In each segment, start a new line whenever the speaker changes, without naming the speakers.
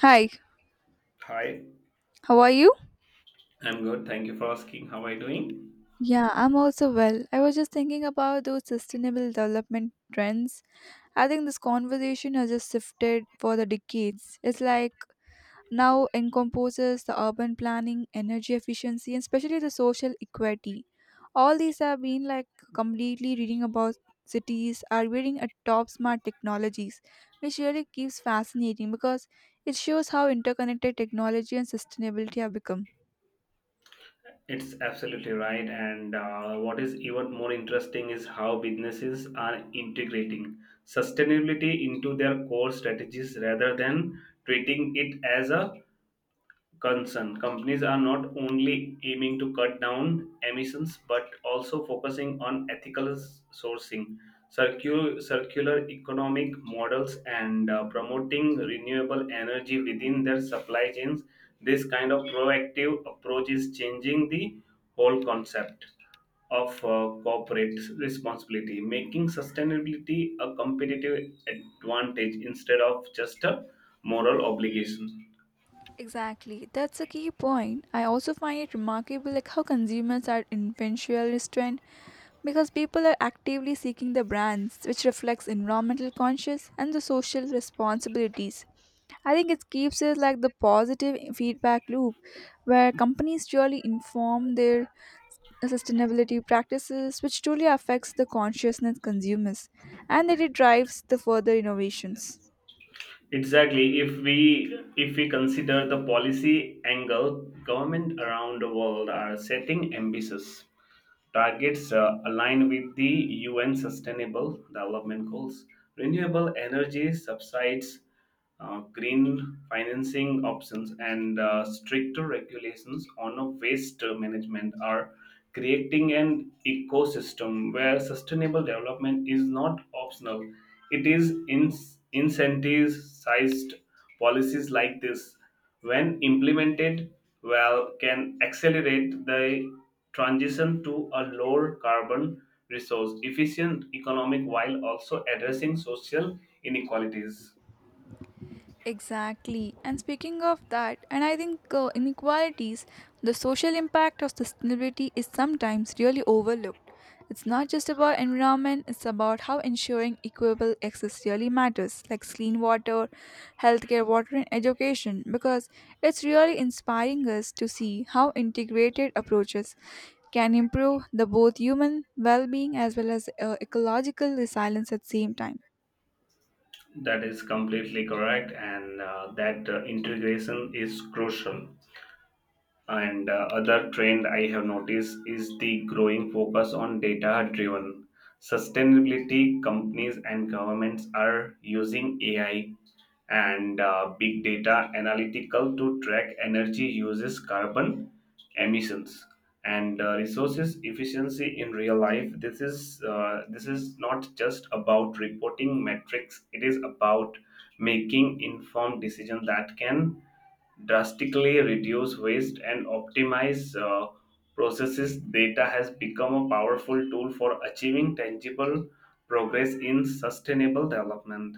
Hi,
Hi,
how are you?
I'm good. Thank you for asking. How are you doing?
Yeah, I'm also well. I was just thinking about those sustainable development trends. I think this conversation has just shifted for the decades. It's like now encompasses the urban planning, energy efficiency, and especially the social equity. All these have been like completely reading about cities are wearing a top smart technologies, which really keeps fascinating because it shows how interconnected technology and sustainability have become.
It's absolutely right. And what is even more interesting is how businesses are integrating sustainability into their core strategies rather than treating it as a concern. Companies are not only aiming to cut down emissions but also focusing on ethical sourcing, circular economic models, and promoting renewable energy within their supply chains. This kind of proactive approach is changing the whole concept of corporate responsibility, making sustainability a competitive advantage instead of just a moral obligation.
Exactly, that's a key point. I also find it remarkable like how consumers are influentialist trend because people are actively seeking the brands which reflects environmental conscious and the social responsibilities. I think it keeps it like the positive feedback loop where companies really inform their sustainability practices which truly affects the consciousness consumers and that it drives the further innovations.
Exactly. If we consider the policy angle, government around the world are setting ambitious targets align with the UN Sustainable Development Goals, renewable energy subsides, green financing options, and stricter regulations on a waste management are creating an ecosystem where sustainable development is not optional. It is incentivized policies like this when implemented well can accelerate the transition to a lower carbon resource efficient economic while also addressing social inequalities.
Exactly. And speaking of that, and I think inequalities, the social impact of sustainability is sometimes really overlooked. It's not just about environment, it's about how ensuring equitable access really matters, like clean water, healthcare, water, and education, because it's really inspiring us to see how integrated approaches can improve the both human well-being as well as ecological resilience at the same time.
That is completely correct, and that integration is crucial, and other trend I have noticed is the growing focus on data driven sustainability. Companies and governments are using AI and big data analytical to track energy uses, carbon emissions, and resources efficiency in real life. This is not just about reporting metrics. It is about making informed decisions that can drastically reduce waste and optimize processes. Data has become a powerful tool for achieving tangible progress in sustainable development.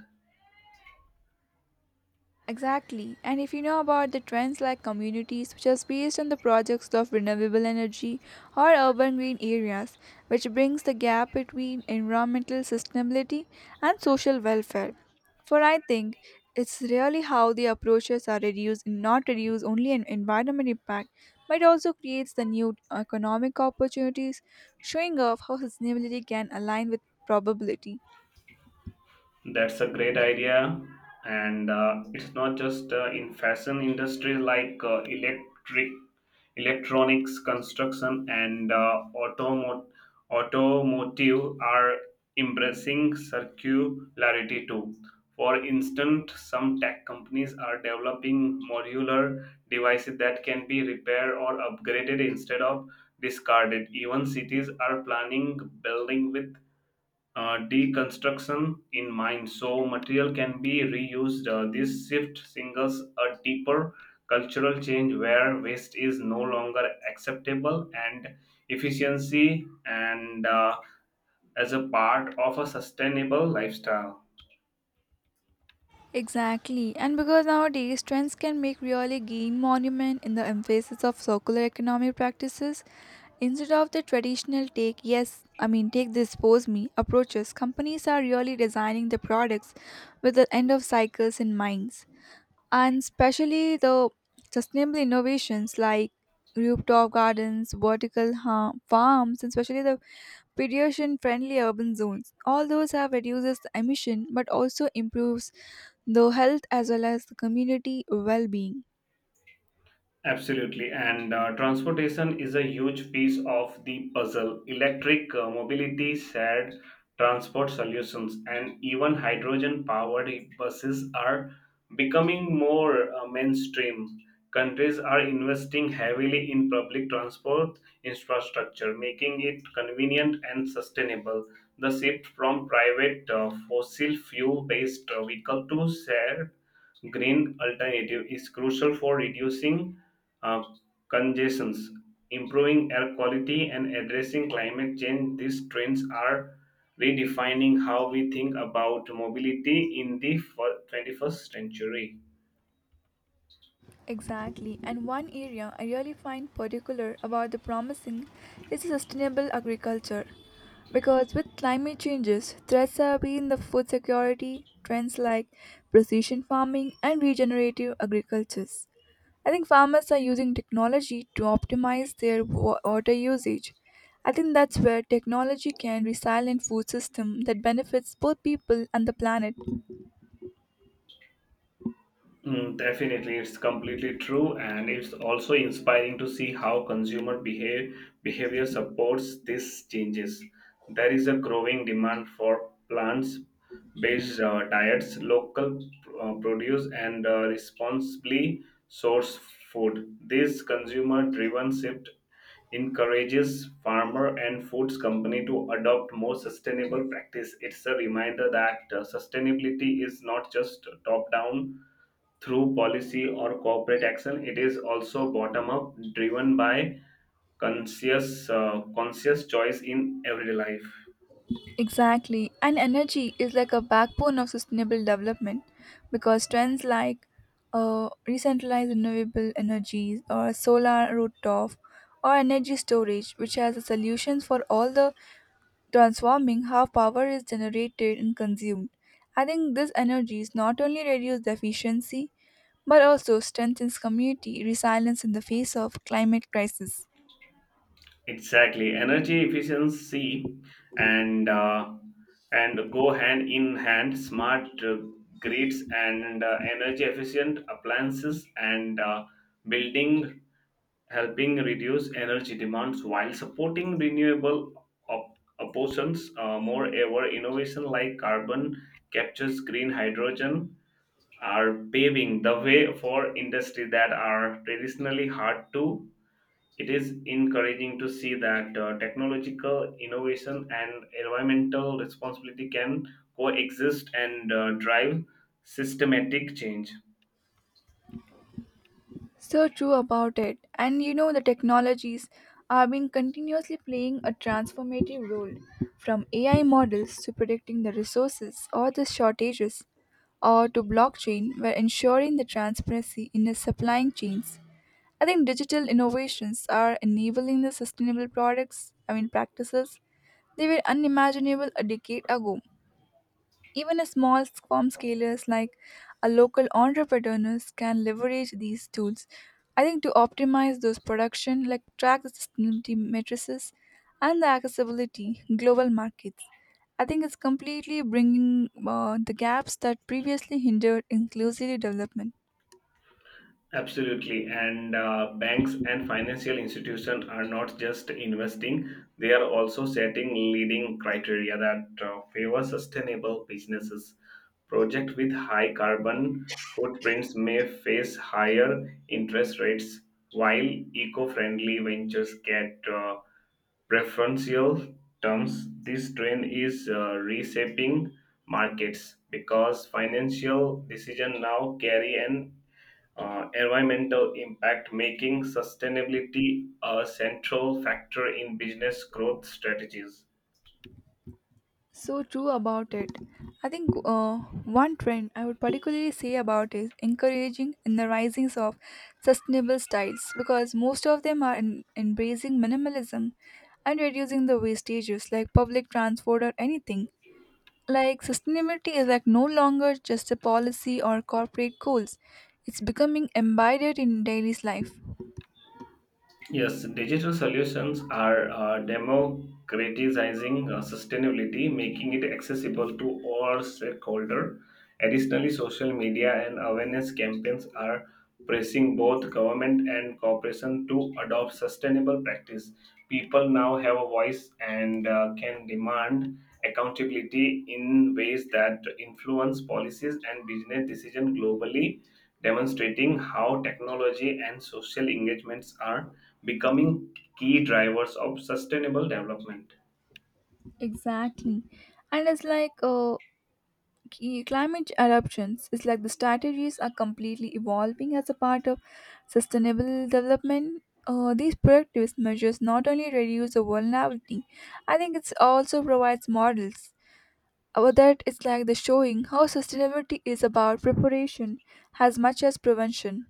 Exactly. And if you know about the trends like communities, which are based on the projects of renewable energy or urban green areas, which brings the gap between environmental sustainability and social welfare. For I think it's really how the approaches are reduced, not reduce only an environment impact, but also creates the new economic opportunities, showing off how sustainability can align with probability.
That's a great idea, and it's not just in fashion industries like electric, electronics, construction, and automotive are embracing circularity too. For instance, some tech companies are developing modular devices that can be repaired or upgraded instead of discarded. Even cities are planning building with deconstruction in mind so material can be reused. This shift singles a deeper cultural change where waste is no longer acceptable, and efficiency and as a part of a sustainable lifestyle.
Exactly, and because nowadays trends can make really gain monument in the emphasis of circular economy practices instead of the traditional take yes I mean take this pose me approaches companies are really designing the products with the end of cycles in mind and especially the sustainable innovations like rooftop gardens, farms, and especially the pedestrian-friendly urban zones. All those have reduces the emission, but also improves the health as well as the community well-being.
Absolutely, and transportation is a huge piece of the puzzle. Electric mobility, shared transport solutions, and even hydrogen powered buses are becoming more mainstream. Countries are investing heavily in public transport infrastructure, making it convenient and sustainable. The shift from private fossil fuel based vehicle to shared green alternative is crucial for reducing uh, congestions, improving air quality, and addressing climate change. These trends are redefining how we think about mobility in the 21st century.
Exactly, and one area I really find particular about the promising is sustainable agriculture. Because with climate changes, threats have been the food security, trends like precision farming and regenerative agricultures. I think farmers are using technology to optimize their water usage. I think that's where technology can resilient food system that benefits both people and the planet.
Mm, definitely, it's completely true, and it's also inspiring to see how behavior supports these changes. There is a growing demand for plants-based diets, local produce, and responsibly sourced food. This consumer-driven shift encourages farmer and foods company to adopt more sustainable practice. It's a reminder that sustainability is not just top-down through policy or corporate action. It is also bottom up, driven by conscious choice in everyday life.
Exactly. And energy is like a backbone of sustainable development because trends like decentralized renewable energies or solar rooftop or energy storage, which has a solutions for all the transforming how power is generated and consumed. I think these energies not only reduce the efficiency but also strengthens community resilience in the face of climate crisis.
Exactly, energy efficiency and uh, and go hand in hand. Smart grids and energy efficient appliances and building helping reduce energy demands while supporting renewable options. Moreover, innovation like carbon captures green hydrogen are paving the way for industry that are traditionally hard to. It is encouraging to see that technological innovation and environmental responsibility can coexist and drive systematic change.
So true about it. And you know, the technologies are been continuously playing a transformative role from AI models to predicting the resources or the shortages, or to blockchain, where ensuring the transparency in the supply chains. I think digital innovations are enabling the sustainable products, I mean, practices, they were unimaginable a decade ago. Even a small farm scalers like a local entrepreneurs can leverage these tools. I think to optimize those production, like track the sustainability matrices and the accessibility global markets. I think it's completely bringing the gaps that previously hindered inclusive development.
Absolutely. And banks and financial institutions are not just investing, they are also setting leading criteria that favor sustainable businesses. Projects with high carbon footprints may face higher interest rates, while eco friendly ventures get preferential terms. This trend is reshaping markets because financial decisions now carry an environmental impact, making sustainability a central factor in business growth strategies.
So true about it. I think one trend I would particularly say about is encouraging in the rising of sustainable styles because most of them are embracing minimalism and reducing the wastages like public transport or anything. Like sustainability is like no longer just a policy or corporate goals. It's becoming embedded in daily's life.
Yes, digital solutions are democratizing sustainability, making it accessible to all stakeholders. Additionally, social media and awareness campaigns are pressing both government and corporation to adopt sustainable practice. People now have a voice and can demand accountability in ways that influence policies and business decisions globally, demonstrating how technology and social engagements are becoming key drivers of sustainable development.
Exactly. And it's like Climate eruptions is like the strategies are completely evolving as a part of sustainable development. These proactive measures not only reduce the vulnerability, I think it also provides models. About that, it's like the showing how sustainability is about preparation as much as prevention.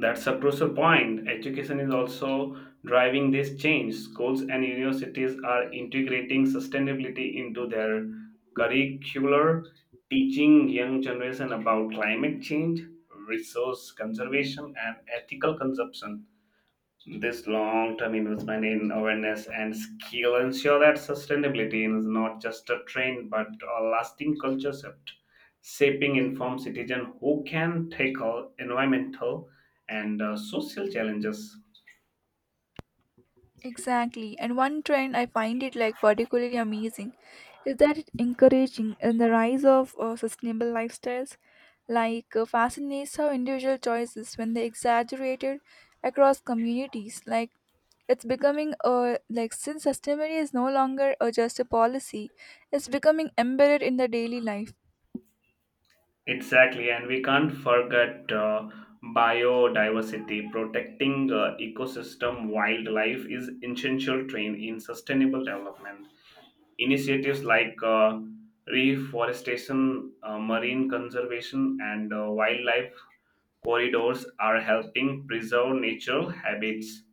That's a crucial point. Education is also driving this change. Schools and universities are integrating sustainability into their curricular, teaching young generation about climate change, resource conservation, and ethical consumption. This long term investment in awareness and skill ensure that sustainability is not just a trend but a lasting culture shift, shaping informed citizens who can tackle environmental and social challenges.
Exactly. And one trend I find it like particularly amazing is that it encouraging in the rise of sustainable lifestyles like fascinates how individual choices when they exaggerated across communities like it's becoming a like since sustainability is no longer just a policy, it's becoming embedded in the daily life.
Exactly, and we can't forget biodiversity. Protecting ecosystem wildlife is essential trend in sustainable development. Initiatives like reforestation, marine conservation, and wildlife corridors are helping preserve natural habits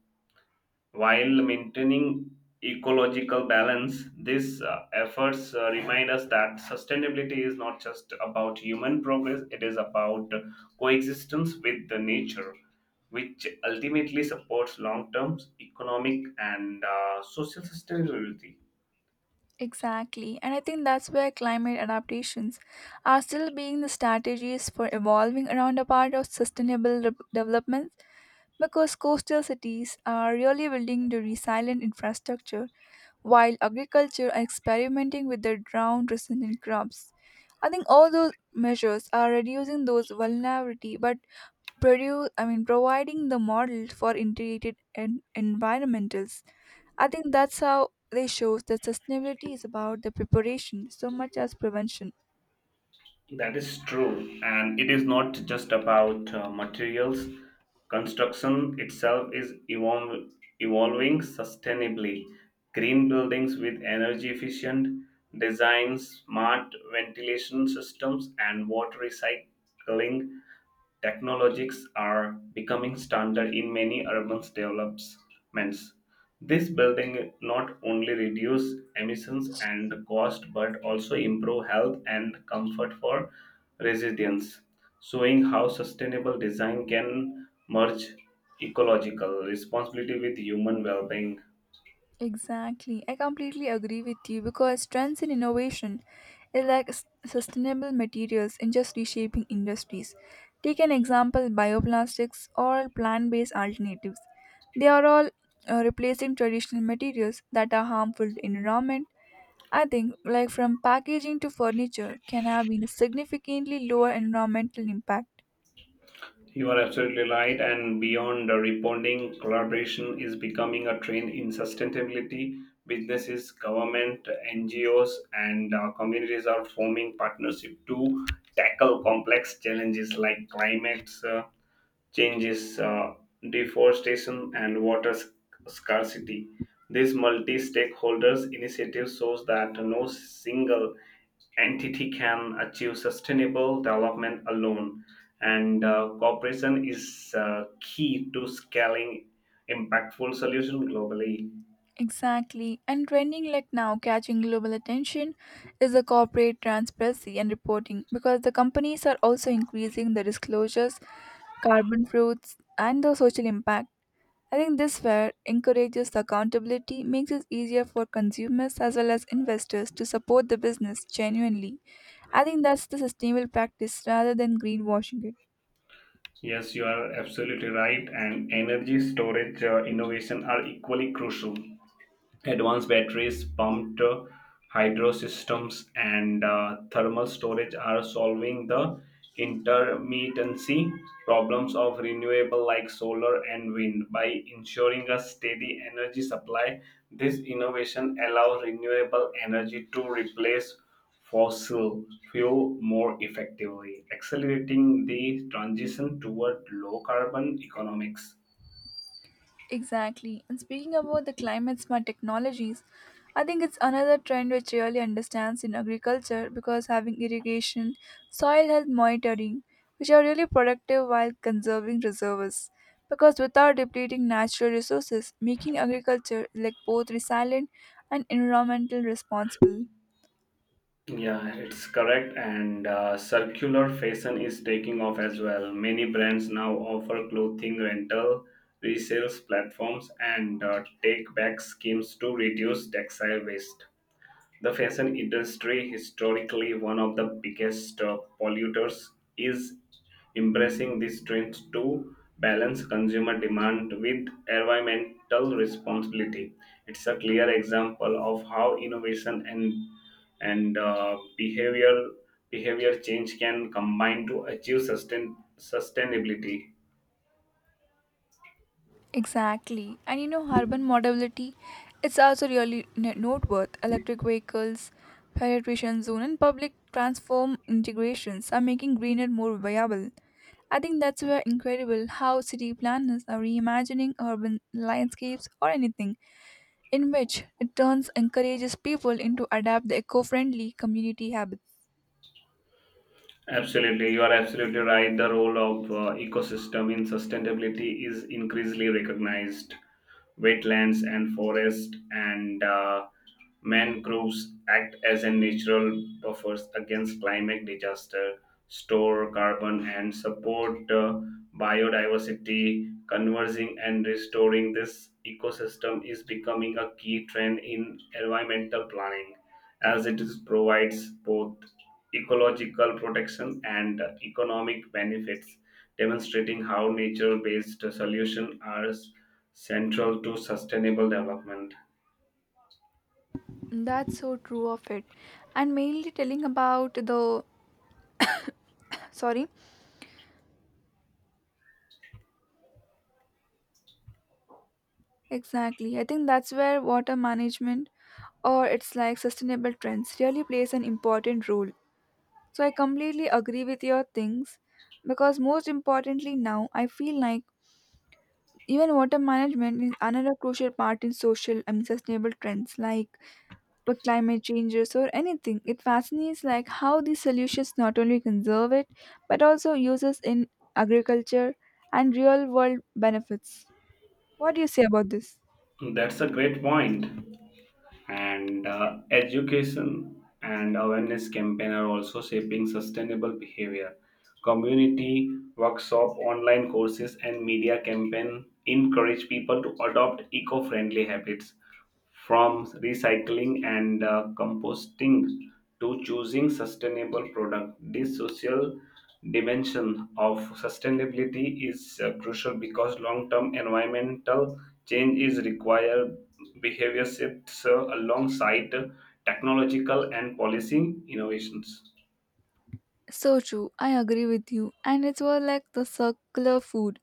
while maintaining ecological balance. These efforts remind us that sustainability is not just about human progress, it is about coexistence with the nature, which ultimately supports long-term economic and social sustainability.
Exactly. And I think that's where climate adaptations are still being the strategies for evolving around a part of development because coastal cities are really building the resilient infrastructure while agriculture are experimenting with their drought resistant crops. I think all those measures are reducing those vulnerability but produce I mean providing the model for integrated environmentals. I think that's how they show that sustainability is about the preparation so much as prevention.
That is true, and it is not just about materials. Construction itself is evolving sustainably. Green buildings with energy efficient designs, smart ventilation systems, and water recycling technologies are becoming standard in many urban developments. This building not only reduce emissions and cost but also improve health and comfort for residents, showing how sustainable design can merge ecological responsibility with human well-being.
Exactly. I completely agree with you because trends in innovation is like sustainable materials in just reshaping industries. Take an example bioplastics or plant based alternatives. They are all replacing traditional materials that are harmful to environment. I think like from packaging to furniture can have been a significantly lower environmental impact.
You are absolutely right. And beyond the reporting, collaboration is becoming a trend in sustainability. Businesses, government, NGOs, and communities are forming partnership to tackle complex challenges like climate changes, deforestation, and water scarcity. These multi stakeholders initiatives shows that no single entity can achieve sustainable development alone, and cooperation is key to scaling impactful solution globally.
Exactly. And trending like now catching global attention is the corporate transparency and reporting because the companies are also increasing the disclosures, carbon fruits, and the social impact. I think this fair encourages the accountability, makes it easier for consumers as well as investors to support the business genuinely. I think that's the sustainable practice rather than greenwashing.
Yes, you are absolutely right, and energy storage innovation are equally crucial. Advanced batteries, pumped hydro systems, and thermal storage are solving the intermittency problems of renewable like solar and wind by ensuring a steady energy supply. This innovation allows renewable energy to replace fossil fuel more effectively, accelerating the transition toward low carbon economics.
Exactly. And speaking about the climate smart technologies, I think it's another trend which really understands in agriculture because having irrigation, soil health monitoring, which are really productive while conserving reserves. Because without depleting natural resources, making agriculture like both resilient and environmental responsible.
Yeah, it's correct. And circular fashion is taking off as well. Many brands now offer clothing rental, resales platforms, and take back schemes to reduce textile waste. The fashion industry, historically one of the biggest polluters, is embracing this trend to balance consumer demand with environmental responsibility. It's a clear example of how innovation and behavior change can combine to achieve sustainability.
Exactly. And you know, urban mobility, it's also really noteworthy. Electric vehicles, penetration zone, and public transform integrations are making greener more viable. I think that's where incredible how city planners are reimagining urban landscapes or anything in which it turns encourages people into adapt the eco-friendly community habits.
Absolutely, you are absolutely right. The role of ecosystem in sustainability is increasingly recognized. Wetlands and forest and mangroves act as a natural buffers against climate disaster, store carbon, and support biodiversity. Conversing and restoring this ecosystem is becoming a key trend in environmental planning as it is provides both ecological protection and economic benefits, demonstrating how nature-based solutions are central to sustainable development.
That's so true of it. And mainly telling about the sorry. Exactly. I think that's where water management or it's like sustainable trends really plays an important role. So I completely agree with your things because most importantly now I feel like even water management is another crucial part in social and sustainable trends like with climate changes or anything. It fascinates like how these solutions not only conserve it but also uses in agriculture and real world benefits. What do you say about this?
That's a great point. And education and awareness campaign are also shaping sustainable behavior. Community workshop, online courses, and media campaign encourage people to adopt eco-friendly habits, from recycling and composting to choosing sustainable products. These social dimension of sustainability is crucial because long term environmental change is required behavior shifts alongside technological and policy innovations.
So true, I agree with you. And it's more like the circular food.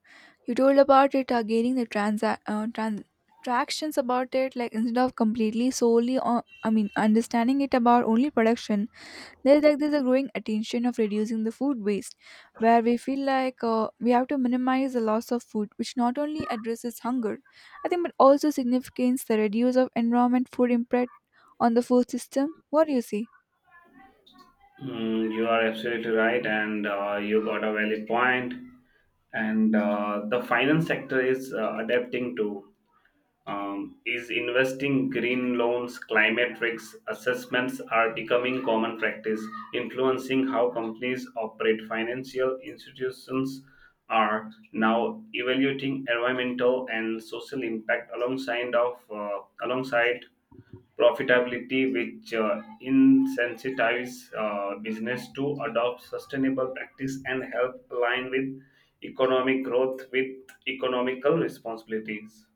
You told about it are gaining the tractions about it like instead of completely solely on I mean understanding it about only production there's like there's a growing attention of reducing the food waste where we feel like we have to minimize the loss of food which not only addresses hunger I think but also significates the reduce of environment food impact on the food system. What do you say?
Mm, you are absolutely right, and you got a valid point. And the finance sector is adapting to is investing green loans. Climate risks assessments are becoming common practice, influencing how companies operate. Financial institutions are now evaluating environmental and social impact alongside profitability, which incentivize business to adopt sustainable practice and help align with economic growth with economical responsibilities.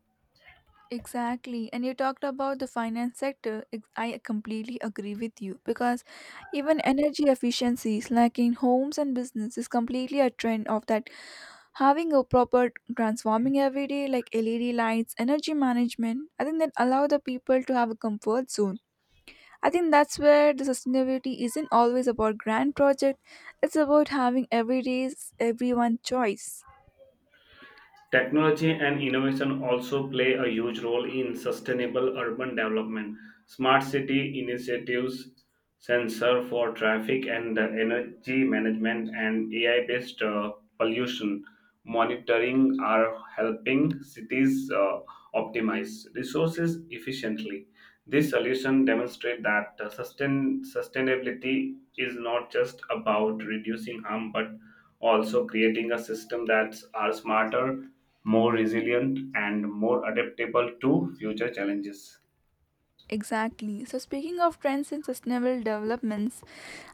Exactly. And you talked about the finance sector. I completely agree with you because even energy efficiencies, like in homes and business, is completely a trend of that. Having a proper transforming every day, like LED lights, energy management, I think that allow the people to have a comfort zone. I think that's where the sustainability isn't always about grand project. It's about having every day's everyone choice.
Technology and innovation also play a huge role in sustainable urban development. Smart city initiatives, sensor for traffic and energy management, and AI based pollution monitoring are helping cities optimize resources efficiently. This solution demonstrates that sustainability is not just about reducing harm, but also creating a system that's are smarter, more resilient, and more adaptable to future challenges.
Exactly. So, speaking of trends in sustainable developments,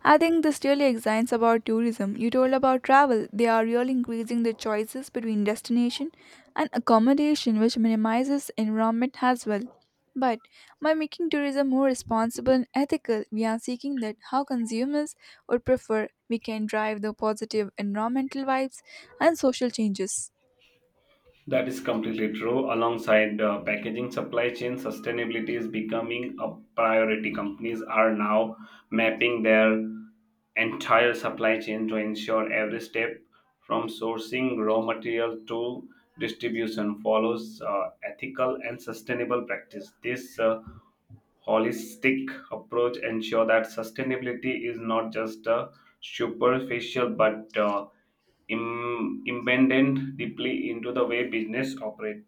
I think this really excites about tourism. You told about travel. They are really increasing the choices between destination and accommodation, which minimizes environment as well. But by making tourism more responsible and ethical, we are seeking that how consumers would prefer we can drive the positive environmental vibes and social changes.
That is completely true. Alongside packaging, supply chain sustainability is becoming a priority. Companies are now mapping their entire supply chain to ensure every step from sourcing raw material to distribution follows ethical and sustainable practice. This holistic approach ensure that sustainability is not just a superficial but embedded deeply into the way business operate.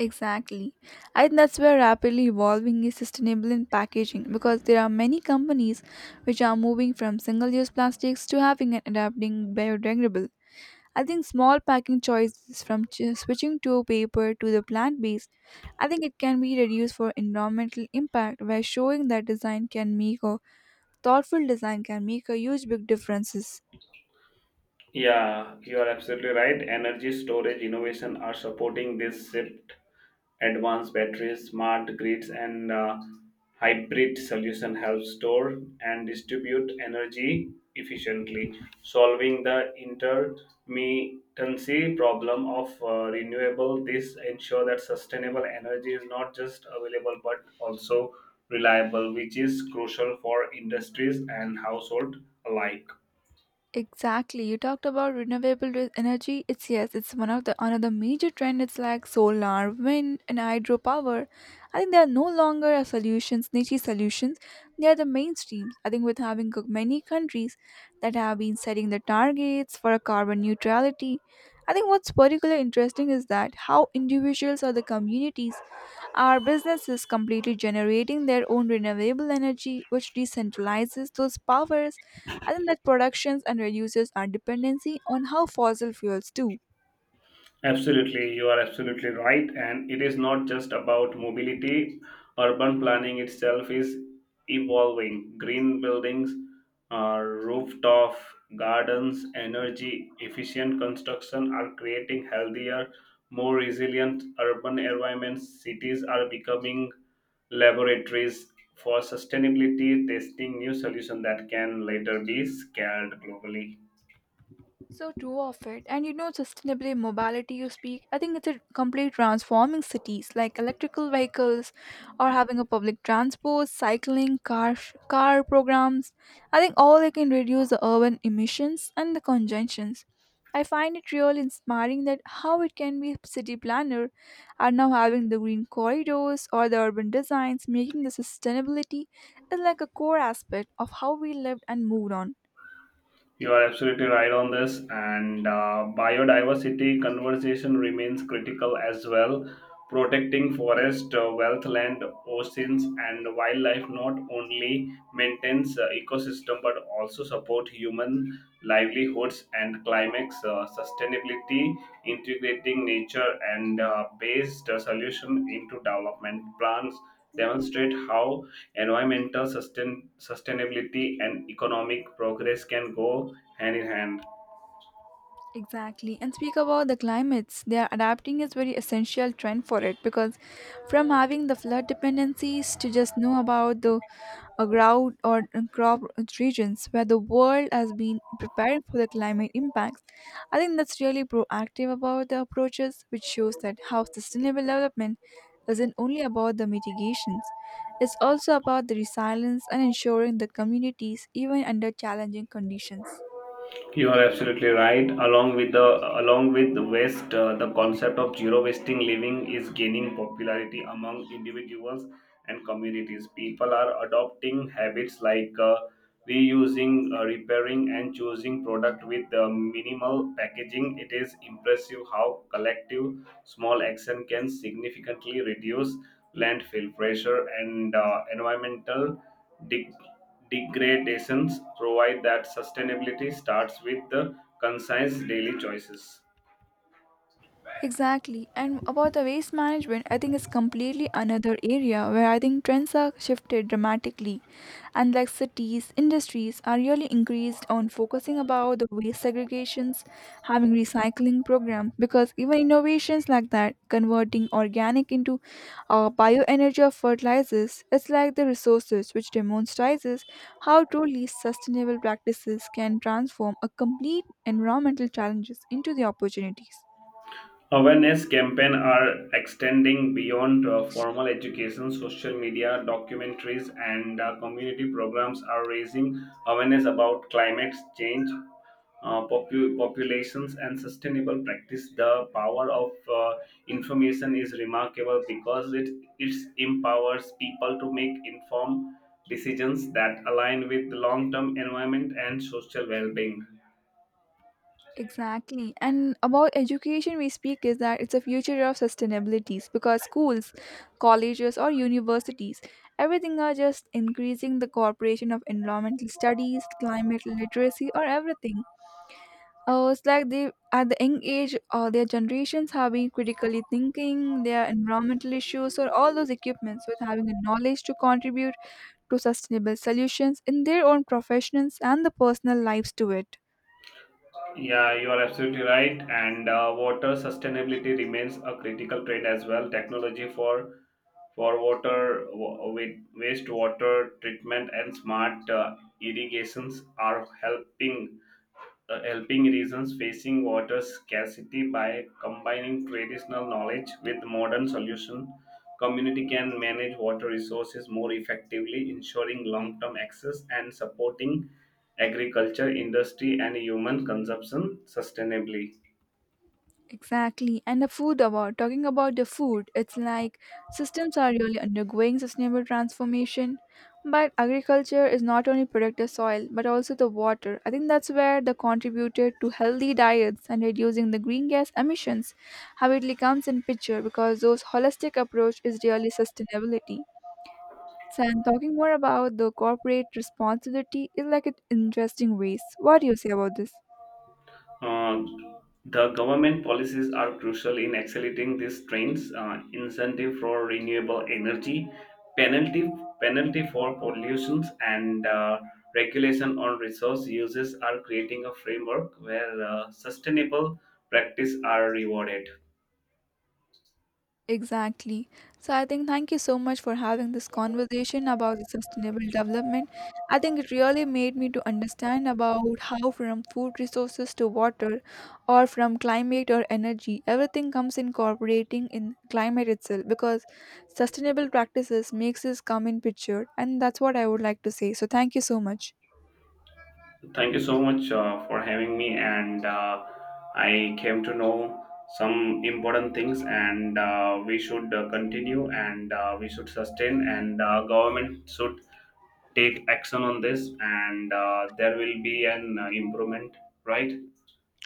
Exactly. I think that's where rapidly evolving is sustainable in packaging because there are many companies which are moving from single use plastics to having and adapting biodegradable. I think small packing choices from switching to paper to the plant based, I think it can be reduced for environmental impact by showing that design can make a thoughtful design can make a huge big differences.
Yeah, you are absolutely right. Energy storage innovation are supporting this shift. Advanced batteries, smart grids, and hybrid solution help store and distribute energy efficiently, solving the intermittency problem of renewable. This ensure that sustainable energy is not just available but also reliable, which is crucial for industries and household alike.
Exactly. You talked about energy. It's yes, it's one of the another major trend. It's like solar, wind, and hydropower. I think they are no longer a solutions, niche solutions. They are the mainstreams. I think with having many countries that have been setting the targets for a carbon neutrality, I think what's particularly interesting is that how individuals or the communities are businesses completely generating their own renewable energy, which decentralizes those powers, and then that productions and reduces our dependency on how fossil fuels do.
Absolutely, you are absolutely right. And it is not just about mobility. Urban planning itself is evolving. Green buildings, rooftop gardens, energy efficient construction are creating healthier, more resilient urban environments. Cities are becoming laboratories for sustainability, testing new solutions that can later be scaled globally.
So true of it. And you know, sustainable mobility you speak, I think it's a complete transforming cities like electrical vehicles or having a public transport, cycling, car programs. I think all they can reduce the urban emissions and the congestions. I find it really inspiring that how it can be city planner are now having the green corridors or the urban designs making the sustainability is like a core aspect of how we lived and moved on.
You are absolutely right on this, and biodiversity conversation remains critical as well. Protecting forest, wealth, land, oceans, and wildlife not only maintains ecosystem but also support human livelihoods and climates. Sustainability, integrating nature and based solution into development plans demonstrate how environmental sustainability and economic progress can go hand in hand.
Exactly. And speak about the climates. They are adapting is very essential trend for it because from having the flood dependencies to just know about the drought or crop regions where the world has been prepared for the climate impacts. I think that's really proactive about the approaches, which shows that how sustainable development isn't only about the mitigations. It's also about the resilience and ensuring the communities even under challenging conditions.
You are absolutely right. Along with the waste, the concept of zero wasting living is gaining popularity among individuals and communities. People are adopting habits like reusing, repairing, and choosing product with minimal packaging. It is impressive how collective small action can significantly reduce landfill pressure and environmental deg- degradations provide that sustainability starts with the concise daily choices.
Exactly. And about the waste management, I think it's completely another area where I think trends are shifted dramatically. And like cities, industries are really increased on focusing about the waste segregations, having recycling program because even innovations like that, converting organic into bioenergy or fertilizers, it's like the resources which demonstrates how truly sustainable practices can transform a complete environmental challenges into the opportunities.
Awareness campaigns are extending beyond formal education. Social media, documentaries, and community programs are raising awareness about climate change, populations, and sustainable practice. The power of information is remarkable because it empowers people to make informed decisions that align with long term environment and social well being.
Exactly. And about education we speak is that it's a future of sustainabilities because schools, colleges or universities, everything are just increasing the cooperation of environmental studies, climate literacy or everything. Oh, it's like they at the young age their generations have been critically thinking their environmental issues or all those equipments with having the knowledge to contribute to sustainable solutions in their own professions and the personal lives to it.
Yeah, you are absolutely right. And water sustainability remains a critical trend as well. Technology for water wa- with wastewater treatment and smart irrigations are helping regions facing water scarcity. By combining traditional knowledge with modern solutions, community can manage water resources more effectively, ensuring long-term access and supporting agriculture industry and human consumption sustainably.
Exactly. And the food about talking about the food, it's like systems are really undergoing sustainable transformation. But agriculture is not only protect the soil but also the water. I think that's where the contributed to healthy diets and reducing the green gas emissions habitually comes in picture because those holistic approach is really sustainability. So I'm talking more about the corporate responsibility in like an interesting ways. What do you say about this?
Uh, the government policies are crucial in accelerating these trends. Incentive for renewable energy, penalty penalty for pollutions, and regulation on resource uses are creating a framework where sustainable practice are rewarded.
Exactly. So I think thank you so much for having this conversation about the sustainable development. I think it really made me to understand about how from food resources to water or from climate or energy, everything comes incorporating in climate itself because sustainable practices makes us come in picture and that's what I would like to say. So thank you so much.
Thank you so much for having me, and I came to know some important things, and we should continue, and we should sustain, and government should take action on this, and there will be an improvement, right?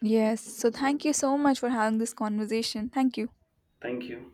Yes. So thank you so much for having this conversation. Thank you.
Thank you.